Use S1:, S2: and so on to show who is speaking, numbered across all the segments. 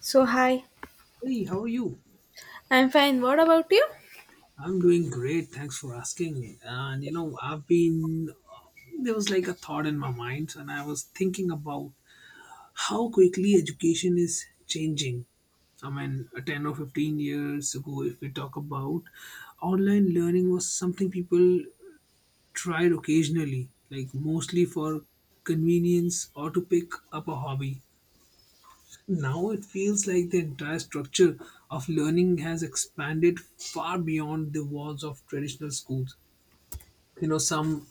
S1: So, hi.
S2: Hey, how are you?
S1: I'm fine. What about you?
S2: I'm doing great. Thanks for asking. And you know, I've been there was like a thought in my mind, and I was thinking about how quickly education is changing. I mean, 10 or 15 years ago, if we talk about online learning, was something people tried occasionally, like mostly for convenience or to pick up a hobby. Now it feels like the entire structure of learning has expanded far beyond the walls of traditional schools. You know, some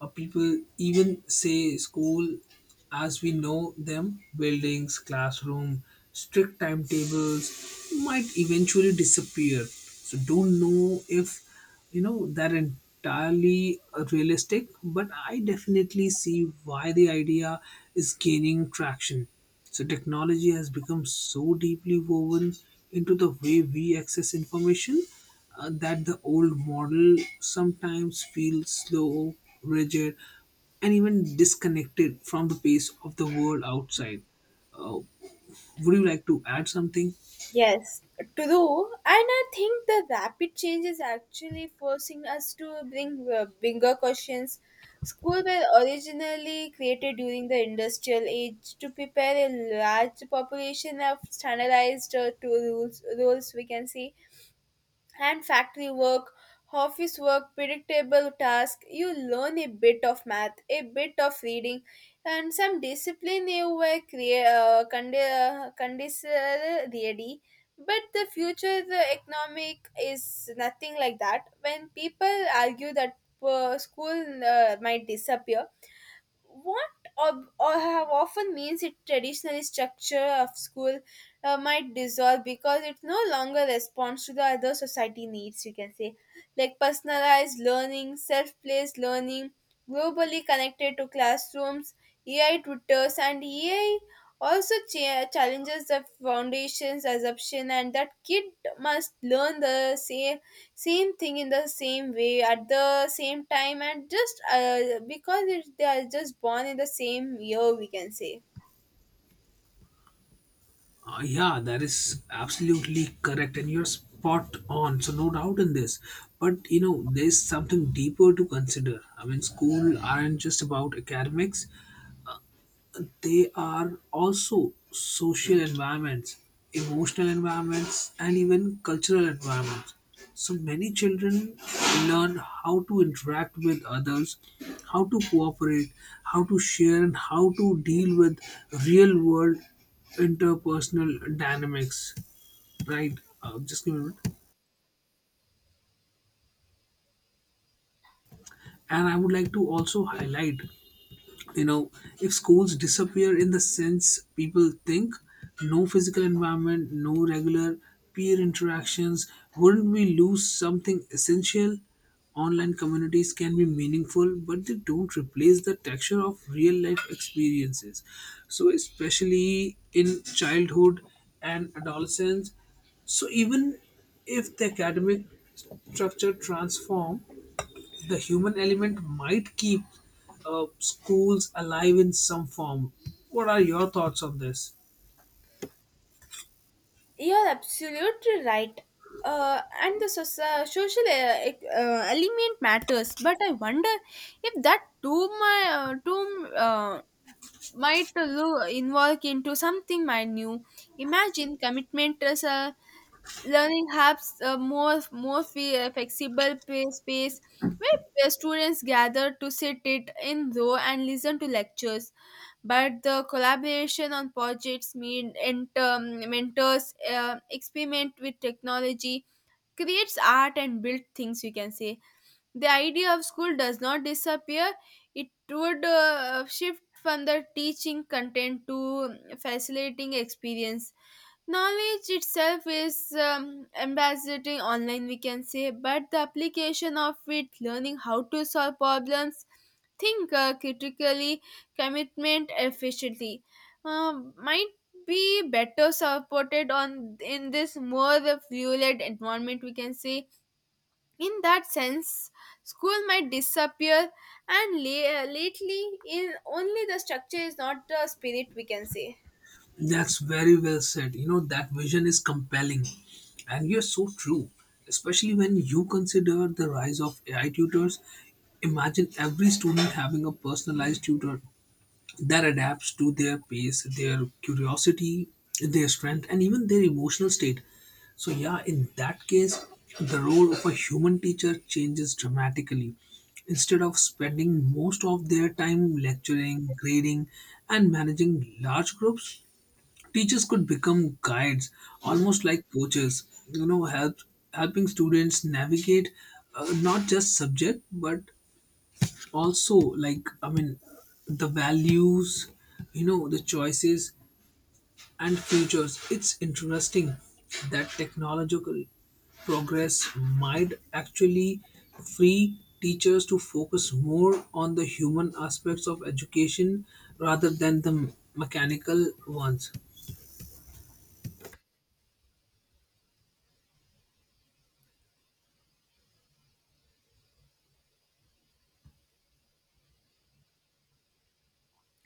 S2: people even say school as we know them, buildings, classroom, strict timetables might eventually disappear. So don't know if you know that entirely realistic, but I definitely see why the idea is gaining traction. So technology has become so deeply woven into the way we access information, that the old model sometimes feels slow, rigid, and even disconnected from the pace of the world outside. Uh, would you like to add something?
S1: Yes, true. And I think the rapid change is actually forcing us to bring bigger questions. Schools were originally created during the industrial age to prepare a large population of standardized to rules, rules we can see. And factory work, office work, predictable task. You learn a bit of math, a bit of reading, and some discipline you were condensed really. But the future the economic is nothing like that. When people argue that school might disappear, what or have often means it traditional structure of school might dissolve because it no longer responds to the other society needs you can say, like personalized learning, self-placed learning, globally connected to classrooms, ai tutors and ai also challenges the foundation's assumption and that kid must learn the same thing in the same way at the same time and just because it, they are just born in the same year we can say.
S2: Yeah, that is absolutely correct, and you're spot on. So no doubt in this. But you know, there's something deeper to consider. I mean, school aren't just about academics. They are also social environments, emotional environments, and even cultural environments. So many children learn how to interact with others, how to cooperate, how to share, and how to deal with real world interpersonal dynamics. Right? Just give me a minute. And I would like to also highlight, you know, if schools disappear in the sense people think, no physical environment, no regular peer interactions, wouldn't we lose something essential? Online communities can be meaningful, but they don't replace the texture of real life experiences, so especially in childhood and adolescence. So even if the academic structure transform, the human element might keep schools alive in some form. What are your thoughts on this?
S1: You're absolutely right, and the social element matters, but I wonder if that too my too might involve into something might new. Imagine commitment as a learning hubs, a more flexible space where the students gather to sit it in row and listen to lectures. But the collaboration on projects, meet enter mentors, experiment with technology, creates art and build things. You can say the idea of school does not disappear, it would shift from the teaching content to facilitating experience. Knowledge itself is ambassading online, we can say, but the application of it, learning how to solve problems, think critically, commitment efficiently, might be better supported on in this more fluid environment we can say. In that sense, school might disappear, and lately, in only the structure is not the spirit we can say.
S2: That's very well said. You know, that vision is compelling. And you're so true, especially when you consider the rise of AI tutors. Imagine every student having a personalized tutor that adapts to their pace, their curiosity, their strength, and even their emotional state. So, yeah, in that case, the role of a human teacher changes dramatically. Instead of spending most of their time lecturing, grading, and managing large groups, teachers could become guides, almost like coaches, you know, helping students navigate, not just subject but also, like, I mean, the values, you know, the choices and futures. It's interesting that technological progress might actually free teachers to focus more on the human aspects of education rather than the mechanical ones.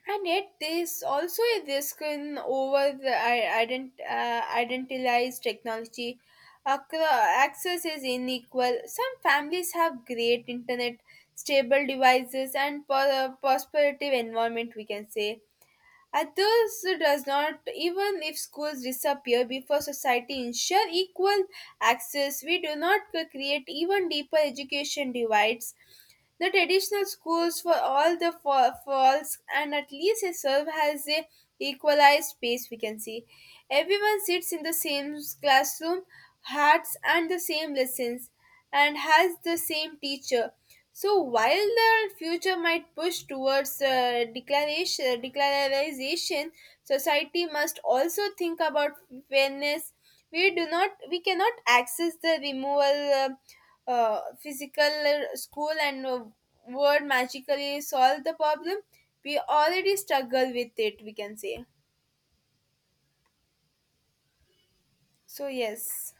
S1: And yet, there is also a risk in over the identitized technology. Acro- Access is unequal. Some families have great internet, stable devices, and prosperative environment. We can say Athos does not, even if schools disappear before society ensure equal access, we do not create even deeper education divides. The traditional schools for all the faults and at least they serve as a equalized space we can see. Everyone sits in the same classroom, hats and the same lessons, and has the same teacher. So while the future might push towards declaration, declaration, society must also think about fairness. We do not, we cannot access the removal physical school and word magically solve the problem. We already struggle with it. We can say so. Yes.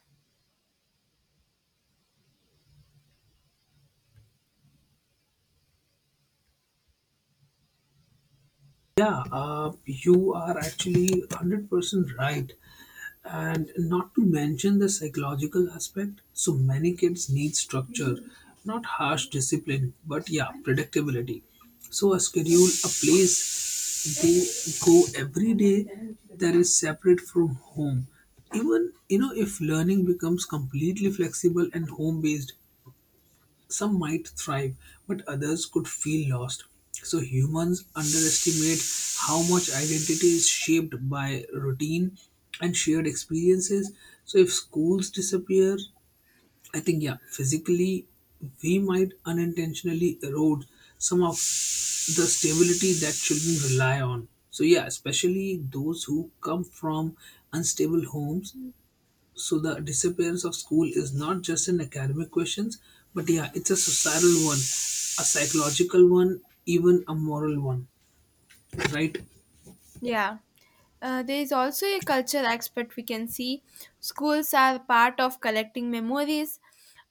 S2: Yeah, you are actually 100% right, and not to mention the psychological aspect. So many kids need structure, not harsh discipline but yeah, predictability. So a schedule, a place they go every day that is separate from home. Even, you know, if learning becomes completely flexible and home based, some might thrive, but others could feel lost. So humans underestimate how much identity is shaped by routine and shared experiences. So if schools disappear, I think, yeah, physically, we might unintentionally erode some of the stability that children rely on. So yeah, especially those who come from unstable homes. So the disappearance of school is not just an academic question, but yeah, it's a societal one, a psychological one, even a moral one, right?
S1: Yeah. There is also a culture aspect we can see. Schools are part of collecting memories,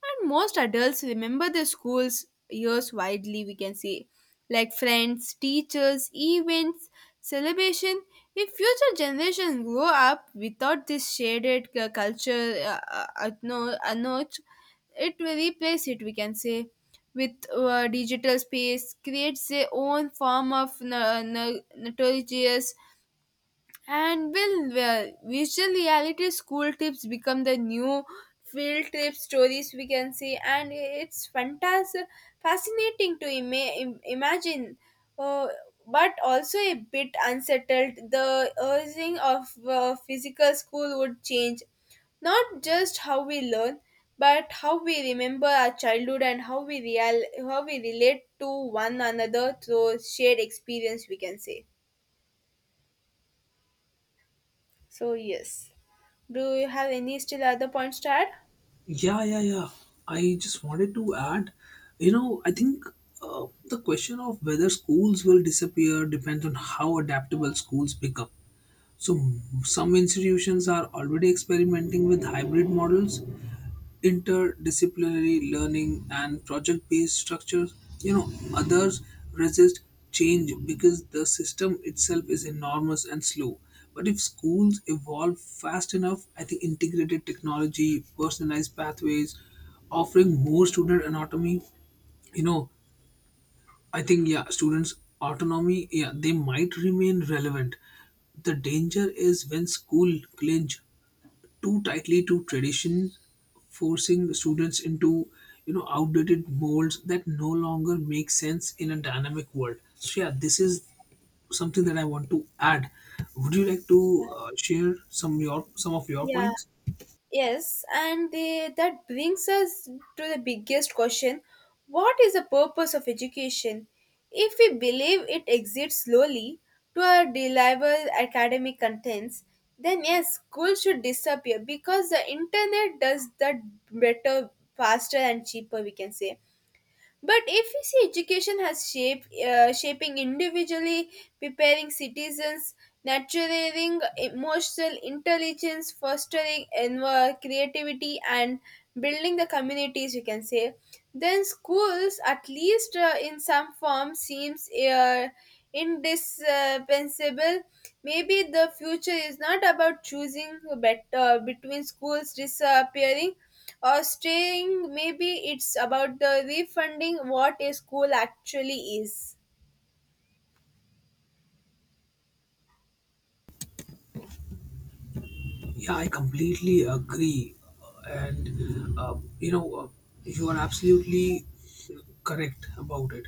S1: and most adults remember their school's years widely, we can say, like friends, teachers, events, celebration. If future generations grow up without this shaded cu- culture no, note, it will replace it, we can say. With digital space, creates their own form of no, no, notorious and visual reality school trips become the new field trip stories we can see, and it's fascinating to imagine, uh, but also a bit unsettled. The urging of physical school would change, not just how we learn, but how we remember our childhood and how we real how we relate to one another through shared experience. We can say so. Yes. Do you have any still other points to add?
S2: Yeah, yeah, yeah. I just wanted to add, you know, I think the question of whether schools will disappear depends on how adaptable schools become. So some institutions are already experimenting with hybrid models, interdisciplinary learning and project-based structures. You know, others resist change because the system itself is enormous and slow. But if schools evolve fast enough, I think integrated technology, personalized pathways, offering more student autonomy, you know, I think, yeah, students autonomy, yeah, they might remain relevant. The danger is when school clinch too tightly to tradition, forcing students into, you know, outdated molds that no longer make sense in a dynamic world. So yeah, this is something that I want to add. Would you like to share some your some of your
S1: Yeah,
S2: points?
S1: yes, and the, that brings us to the biggest question, what is the purpose of education? If we believe it exists slowly to our deliver academic contents, then yes, school should disappear because the internet does that better, faster, and cheaper, we can say. But if we see education has shape, shaping individually, preparing citizens, nurturing emotional intelligence, fostering creativity, and building the communities, you can say, then schools, at least in some form, seems indispensable. Maybe the future is not about choosing better between schools disappearing or staying, maybe it's about the refunding what a school actually is.
S2: Yeah, I completely agree. And, you know, you are absolutely correct about it.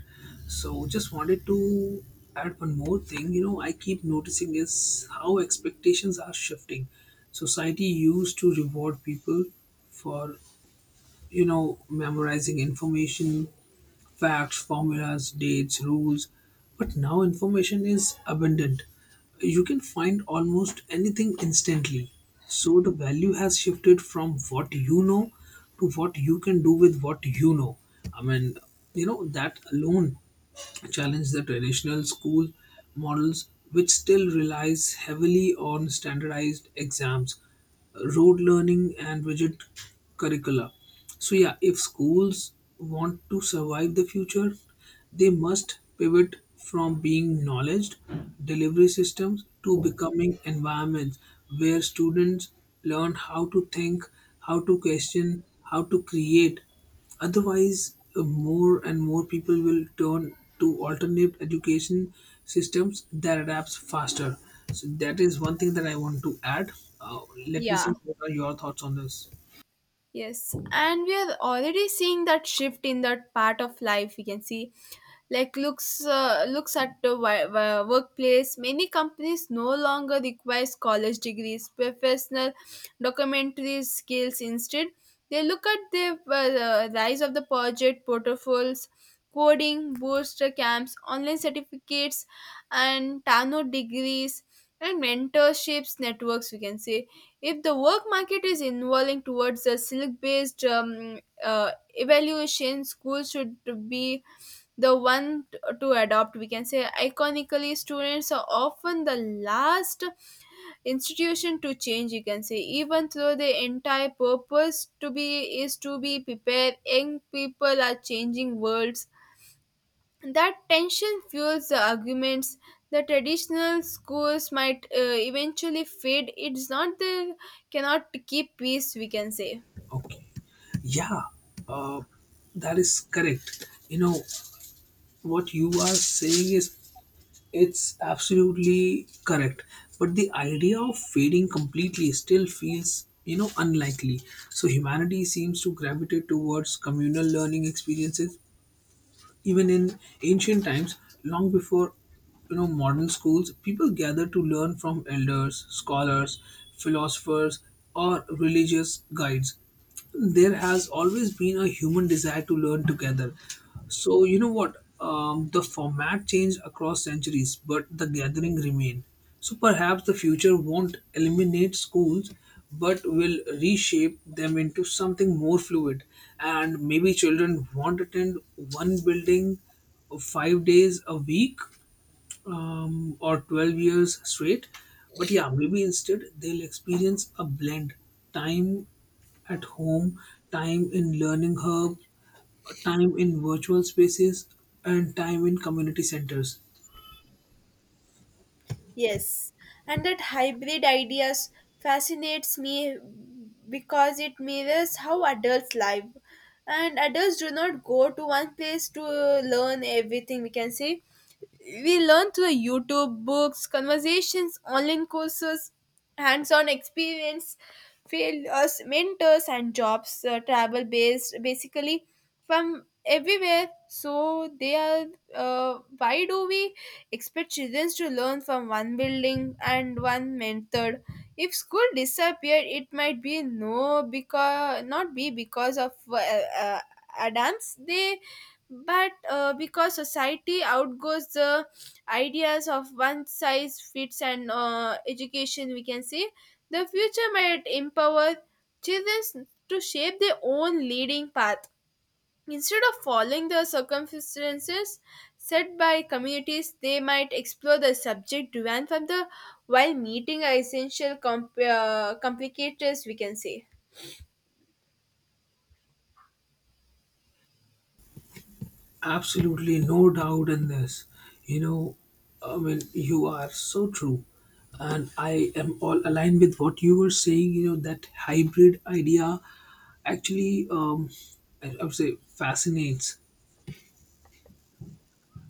S2: So, just wanted to add one more thing. You know, I keep noticing is how expectations are shifting. Society used to reward people for, you know, memorizing information, facts, formulas, dates, rules. But now information is abundant. You can find almost anything instantly. So the value has shifted from what you know to what you can do with what you know. I mean, you know, that alone challenge the traditional school models, which still relies heavily on standardized exams, rote learning and rigid curricula. So yeah, if schools want to survive the future, they must pivot from being knowledge delivery systems to becoming environments where students learn how to think, how to question, how to create. Otherwise, more and more people will turn to alternate education systems that adapts faster. So that is one thing that I want to add. Uh, let me
S1: Yeah.
S2: see what are your thoughts on this.
S1: Yes, and we are already seeing that shift in that part of life. We can see, like looks at the workplace. Many companies no longer requires college degrees, professional documentary skills. Instead, they look at the rise of the project portfolios, coding, booster camps, online certificates, and Tano degrees and mentorships networks. We can say if the work market is evolving towards a silk based evaluation, schools should be the one to adopt. We can say, iconically, students are often the last institution to change, you can say, even though the entire purpose to be is to be prepared, young people are changing worlds, that tension fuels the arguments. The traditional schools might eventually fade. It's not the cannot keep peace, we can say.
S2: Okay. Yeah, uh, that is correct. You know, what you are saying is it's absolutely correct. But the idea of fading completely still feels, you know, unlikely. So humanity seems to gravitate towards communal learning experiences, even in ancient times, long before, you know, modern schools, people gathered to learn from elders, scholars, philosophers, or religious guides. There has always been a human desire to learn together. So you know what, the format changed across centuries, but the gathering remained. So perhaps the future won't eliminate schools, but will reshape them into something more fluid. And maybe children won't attend one building 5 days a week, or 12 years straight. But yeah, maybe instead they'll experience a blend, time at home, time in learning hub, time in virtual spaces, and time in community centers.
S1: Yes, and that hybrid ideas fascinates me because it mirrors how adults live. And adults do not go to one place to learn everything, we can say. We learn through YouTube, books, conversations, online courses, hands on experience, failures, mentors, and jobs, travel based, basically from everywhere. So, they are why do we expect children to learn from one building and one method. If school disappeared, it might be no because not be because of uh, Adams. They but because society outgoes the ideas of one size fits and education we can say the future might empower children to shape their own leading path. Instead of following the circumstances set by communities, they might explore the subject driven from the while meeting essential complicators, we can say.
S2: Absolutely no doubt in this. You know, I mean, you are so true. And I am all aligned with what you were saying, you know, that hybrid idea actually, I would say, fascinates.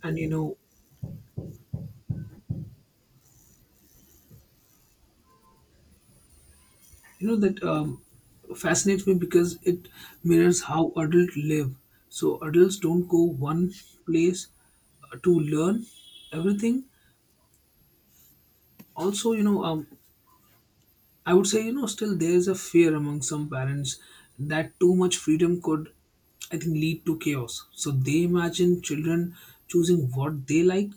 S2: And, you know that fascinates me because it mirrors how adults live. So adults don't go one place to learn everything. Also, you know, I would say, you know, still there is a fear among some parents that too much freedom could, I think, lead to chaos. So they imagine children choosing what they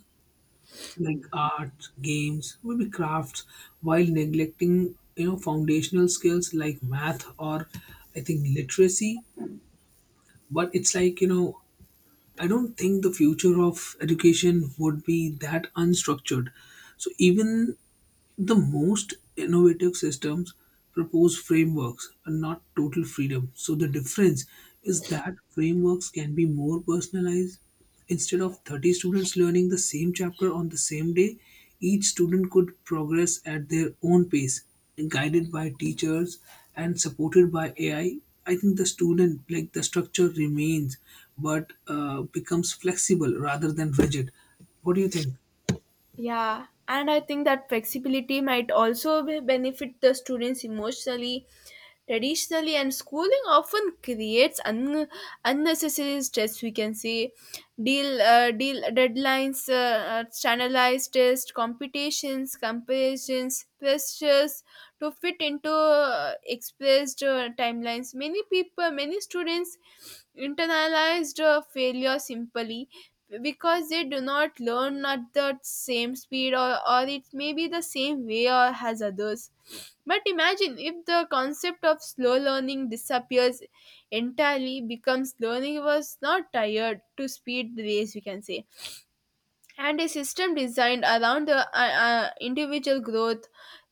S2: like art, games, maybe crafts, while neglecting, you know, foundational skills like math or, I think, literacy. But it's like, you know, I don't think the future of education would be that unstructured. So even the most innovative systems propose frameworks and not total freedom. So the difference is that frameworks can be more personalized. Instead of 30 students learning the same chapter on the same day, each student could progress at their own pace, guided by teachers and supported by AI. I think the student, like the structure remains, but becomes flexible rather than rigid. What do you think?
S1: Yeah, and I think that flexibility might also benefit the students emotionally. Traditionally, and schooling often creates unnecessary stress. We can say, deal deadlines, standardized tests, competitions, comparisons, pressures to fit into expressed timelines. Many people, many students internalized failure simply because they do not learn at the same speed or it may be the same way or as others, but imagine if the concept of slow learning disappears entirely becomes learning was not tired to speed race we can say, and a system designed around the individual growth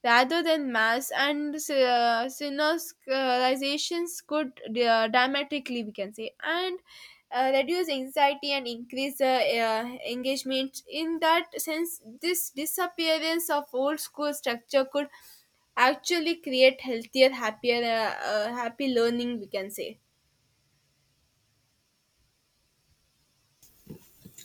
S1: rather than mass and synergizations could dramatically we can say and reduce anxiety and increase engagement. In that sense, this disappearance of old school structure could actually create healthier happier happy learning we can say.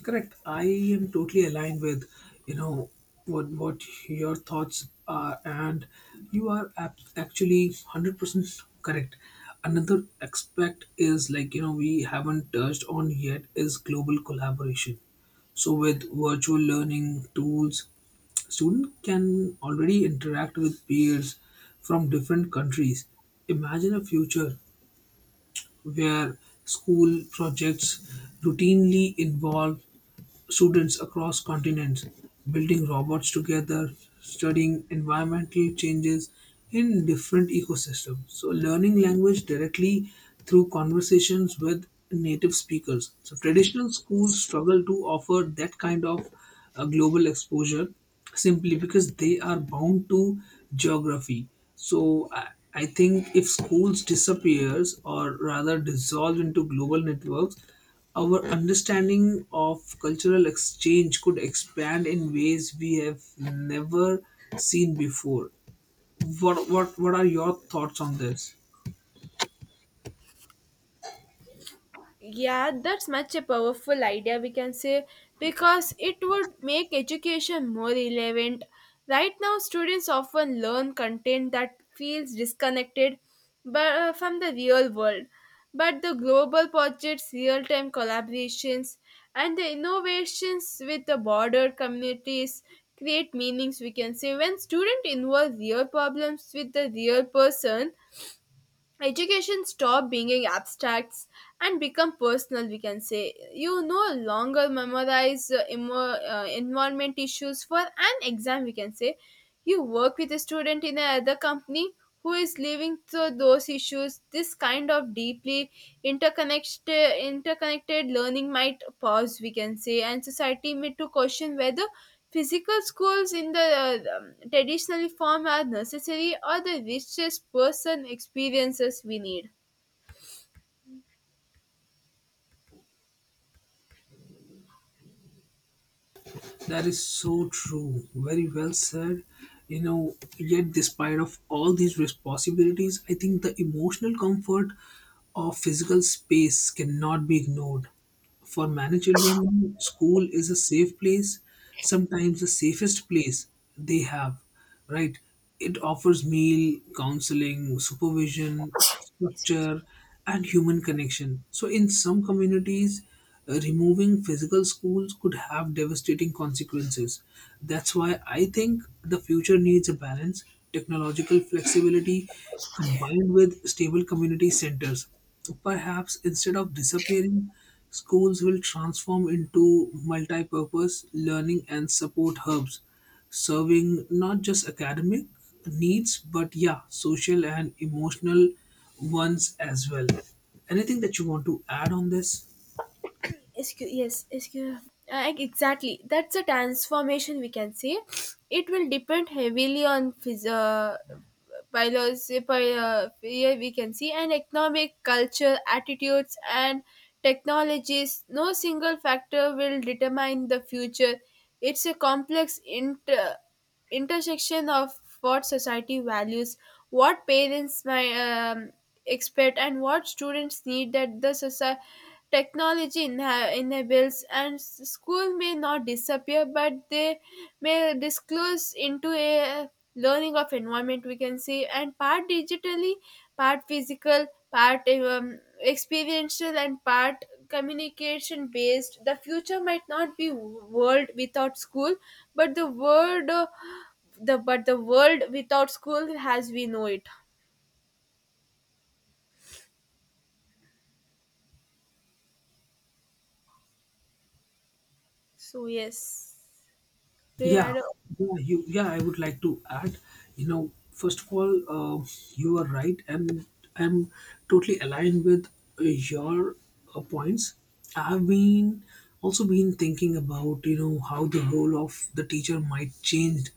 S2: Correct. I am totally aligned with, you know, what your thoughts are, and you are actually 100% correct. Another aspect is, like, you know, we haven't touched on yet is global collaboration. So with virtual learning tools, student can already interact with peers from different countries. Imagine a future where school projects routinely involve students across continents, building robots together, studying environmental changes in different ecosystems. So, learning language directly through conversations with native speakers. So, traditional schools struggle to offer that kind of global exposure, simply because they are bound to geography. So, I think if schools disappears or rather dissolve into global networks, our understanding of cultural exchange could expand in ways we have never seen before. What are your thoughts on this?
S1: Yeah, that's much a powerful idea, we can say, because it would make education more relevant. Right now, students often learn content that feels disconnected but, from the real world. But the global projects, real time collaborations, and the innovations with the border communities create meanings, we can say. When students involve real problems with the real person, education stop being abstracts and become personal, we can say. You no longer memorize environment issues for an exam we can say, you work with a student in another company who is living through those issues. This kind of deeply interconnected learning might pause we can say, and society may to question whether physical schools in the traditional form are necessary or the richest person experiences we need.
S2: That is so true. Very well said. You know, yet despite of all these responsibilities, I think the emotional comfort of physical space cannot be ignored. For many children, school is a safe place, sometimes the safest place they have, right? It offers meal, counseling, supervision, structure, and human connection. So, in some communities, removing physical schools could have devastating consequences. That's why I think the future needs a balance, technological flexibility combined with stable community centers. Perhaps instead of disappearing, schools will transform into multi purpose learning and support hubs, serving not just academic needs but yeah, social and emotional ones as well. Anything that you want to add on this?
S1: SQ, yes, SQ. Exactly. That's a transformation we can say. It will depend heavily on biology, yeah, we can see, and economic, culture, attitudes, and technologies. No single factor will determine the future. It's a complex intersection of what society values, what parents my expect and what students need, that the society technology enables and school may not disappear but they may disclose into a learning of environment we can say, and part digitally, part physical, part experiential and part communication based, the future might not be world without school but the world the but the world without school as we know it. So yes.
S2: Yeah,
S1: Yeah,
S2: yeah. I would like to add, you know, first of all, you are right, and I'm totally aligned with your points. I've been also been thinking about, you know, how the role of the teacher might change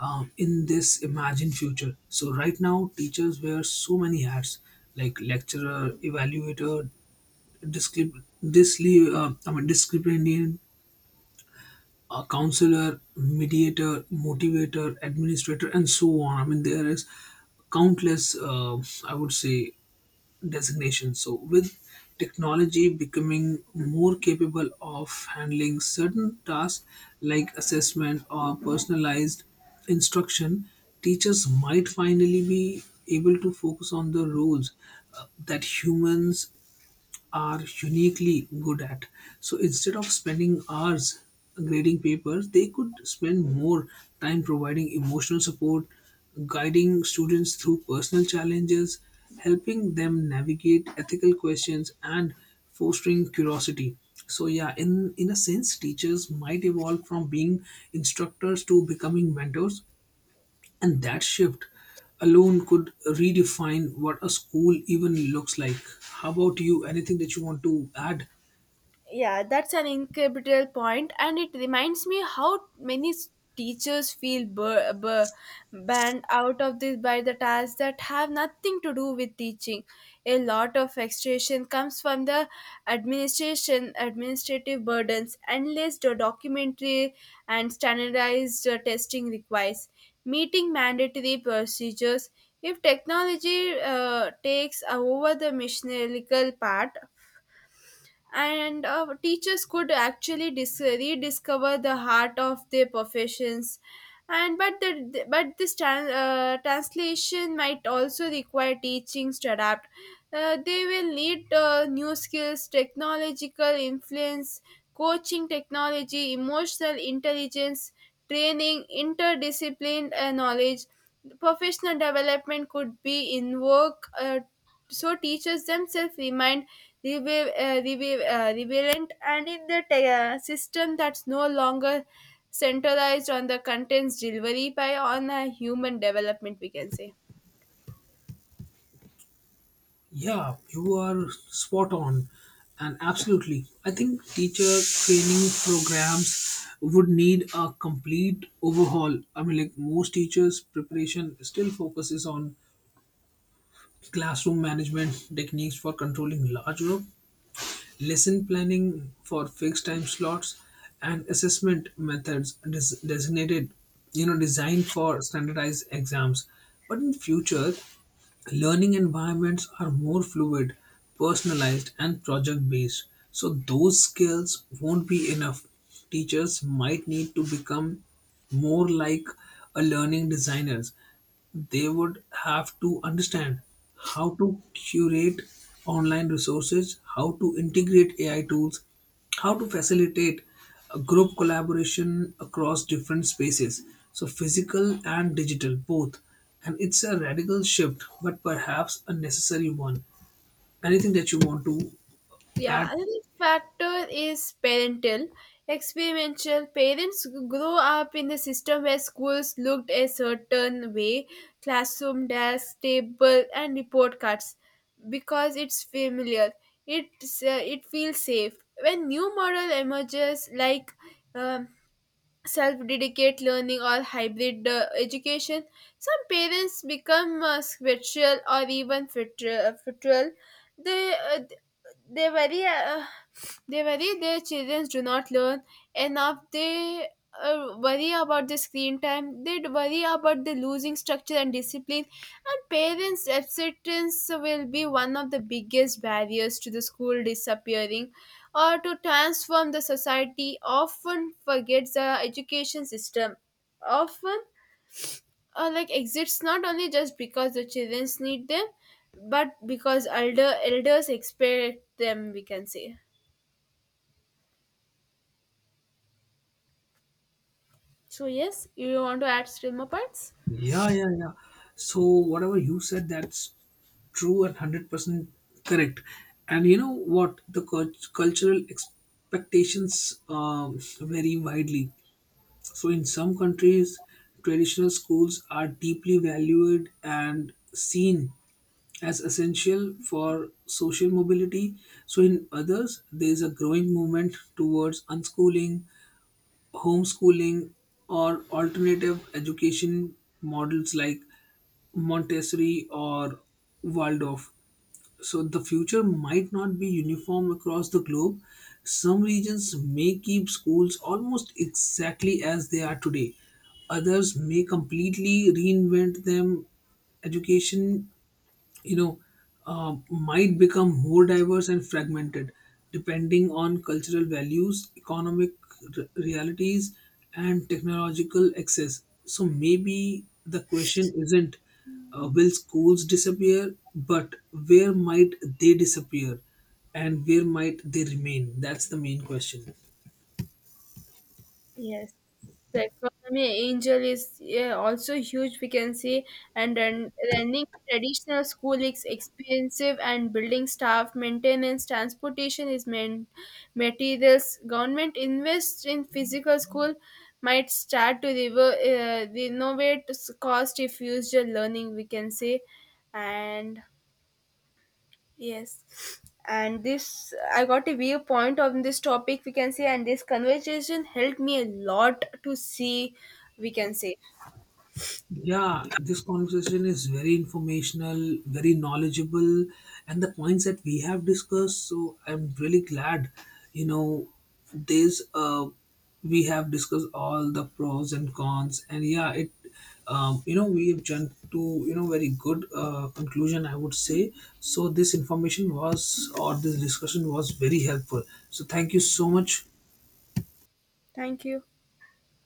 S2: in this imagined future. So right now, teachers wear so many hats, like lecturer, evaluator, disciplinarian, a counselor, mediator, motivator, administrator, and so on. I mean, there is countless, I would say, designations. So, with technology becoming more capable of handling certain tasks like assessment or personalized instruction, teachers might finally be able to focus on the roles that humans are uniquely good at. So instead of spending hours grading papers, they could spend more time providing emotional support, guiding students through personal challenges, helping them navigate ethical questions, and fostering curiosity. So yeah, in a sense, teachers might evolve from being instructors to becoming mentors, and that shift alone could redefine what a school even looks like. How about you? Anything that you want to add?
S1: yeah, that's an incredible point, and it reminds me how many teachers feel banned out of this by the tasks that have nothing to do with teaching. A lot of frustration comes from the administration, administrative burdens, endless documentary and standardized testing requires, meeting mandatory procedures. If technology takes over the mechanical part, and teachers could actually rediscover the heart of their professions, and but the but this tran translation might also require teachings to adapt. They will need new skills, technological influence, coaching technology, emotional intelligence training, interdisciplined knowledge, professional development could be in work so teachers themselves remained rebellion and in the system that's no longer centralized on the contents delivery by on a human development we can say.
S2: Yeah, you are spot on. And absolutely, I think teacher training programs would need a complete overhaul. I mean, like most teachers' preparation still focuses on classroom management techniques for controlling large group, lesson planning for fixed time slots, and assessment methods designated, you know, designed for standardized exams. But in future, learning environments are more fluid, personalized, and project based, so those skills won't be enough. Teachers might need to become more like a learning designers. They would have to understand how to curate online resources, how to integrate AI tools, how to facilitate a group collaboration across different spaces, so physical and digital both. And it's a radical shift, but perhaps a necessary one. Anything that you want to
S1: Yeah,
S2: add?
S1: another factor is parental experimental. Parents grow up in a system where schools looked a certain way, classroom, desk, table, and report cards because it's familiar. It's, it feels safe. When new model emerges, like um, self-dedicate learning or hybrid education. Some parents become spiritual or even fitral. They uh, they worry they worry their children do not learn enough. They worry about the screen time. They worry about the losing structure and discipline. And parents' acceptance will be one of the biggest barriers to the school disappearing or to transform the society often forgets the education system often like exists not only just because the children need them but because elders expect them we can say. So yes, you want to add still more points?
S2: Yeah, yeah, yeah, so whatever you said, that's true and 100% correct. And you know what, the cultural expectations vary widely. So, in some countries, traditional schools are deeply valued and seen as essential for social mobility. So, in others, there is a growing movement towards unschooling, homeschooling, or alternative education models like Montessori or Waldorf. So the future might not be uniform across the globe. Some regions may keep schools almost exactly as they are today. Others may completely reinvent them. Education, you know, might become more diverse and fragmented depending on cultural values, economic realities, and technological access. So maybe the question isn't, will schools disappear, but where might they disappear and where might they remain? That's the main question.
S1: Yes, the economy angel is yeah, also huge, we can see, and then running traditional school is expensive, and building staff, maintenance, transportation is main materials. Government invest in physical school might start to renovate cost if used learning, we can say, and yes. And this, I got a viewpoint on this topic, we can say, and this conversation helped me a lot to see, we can say.
S2: Yeah, this conversation is very informational, very knowledgeable, and the points that we have discussed. So I'm really glad, you know, there's we have discussed all the pros and cons, and yeah, it, you know, we have jumped to, you know, very good conclusion, I would say. So this information was or this discussion was very helpful. So thank you so much.
S1: Thank you.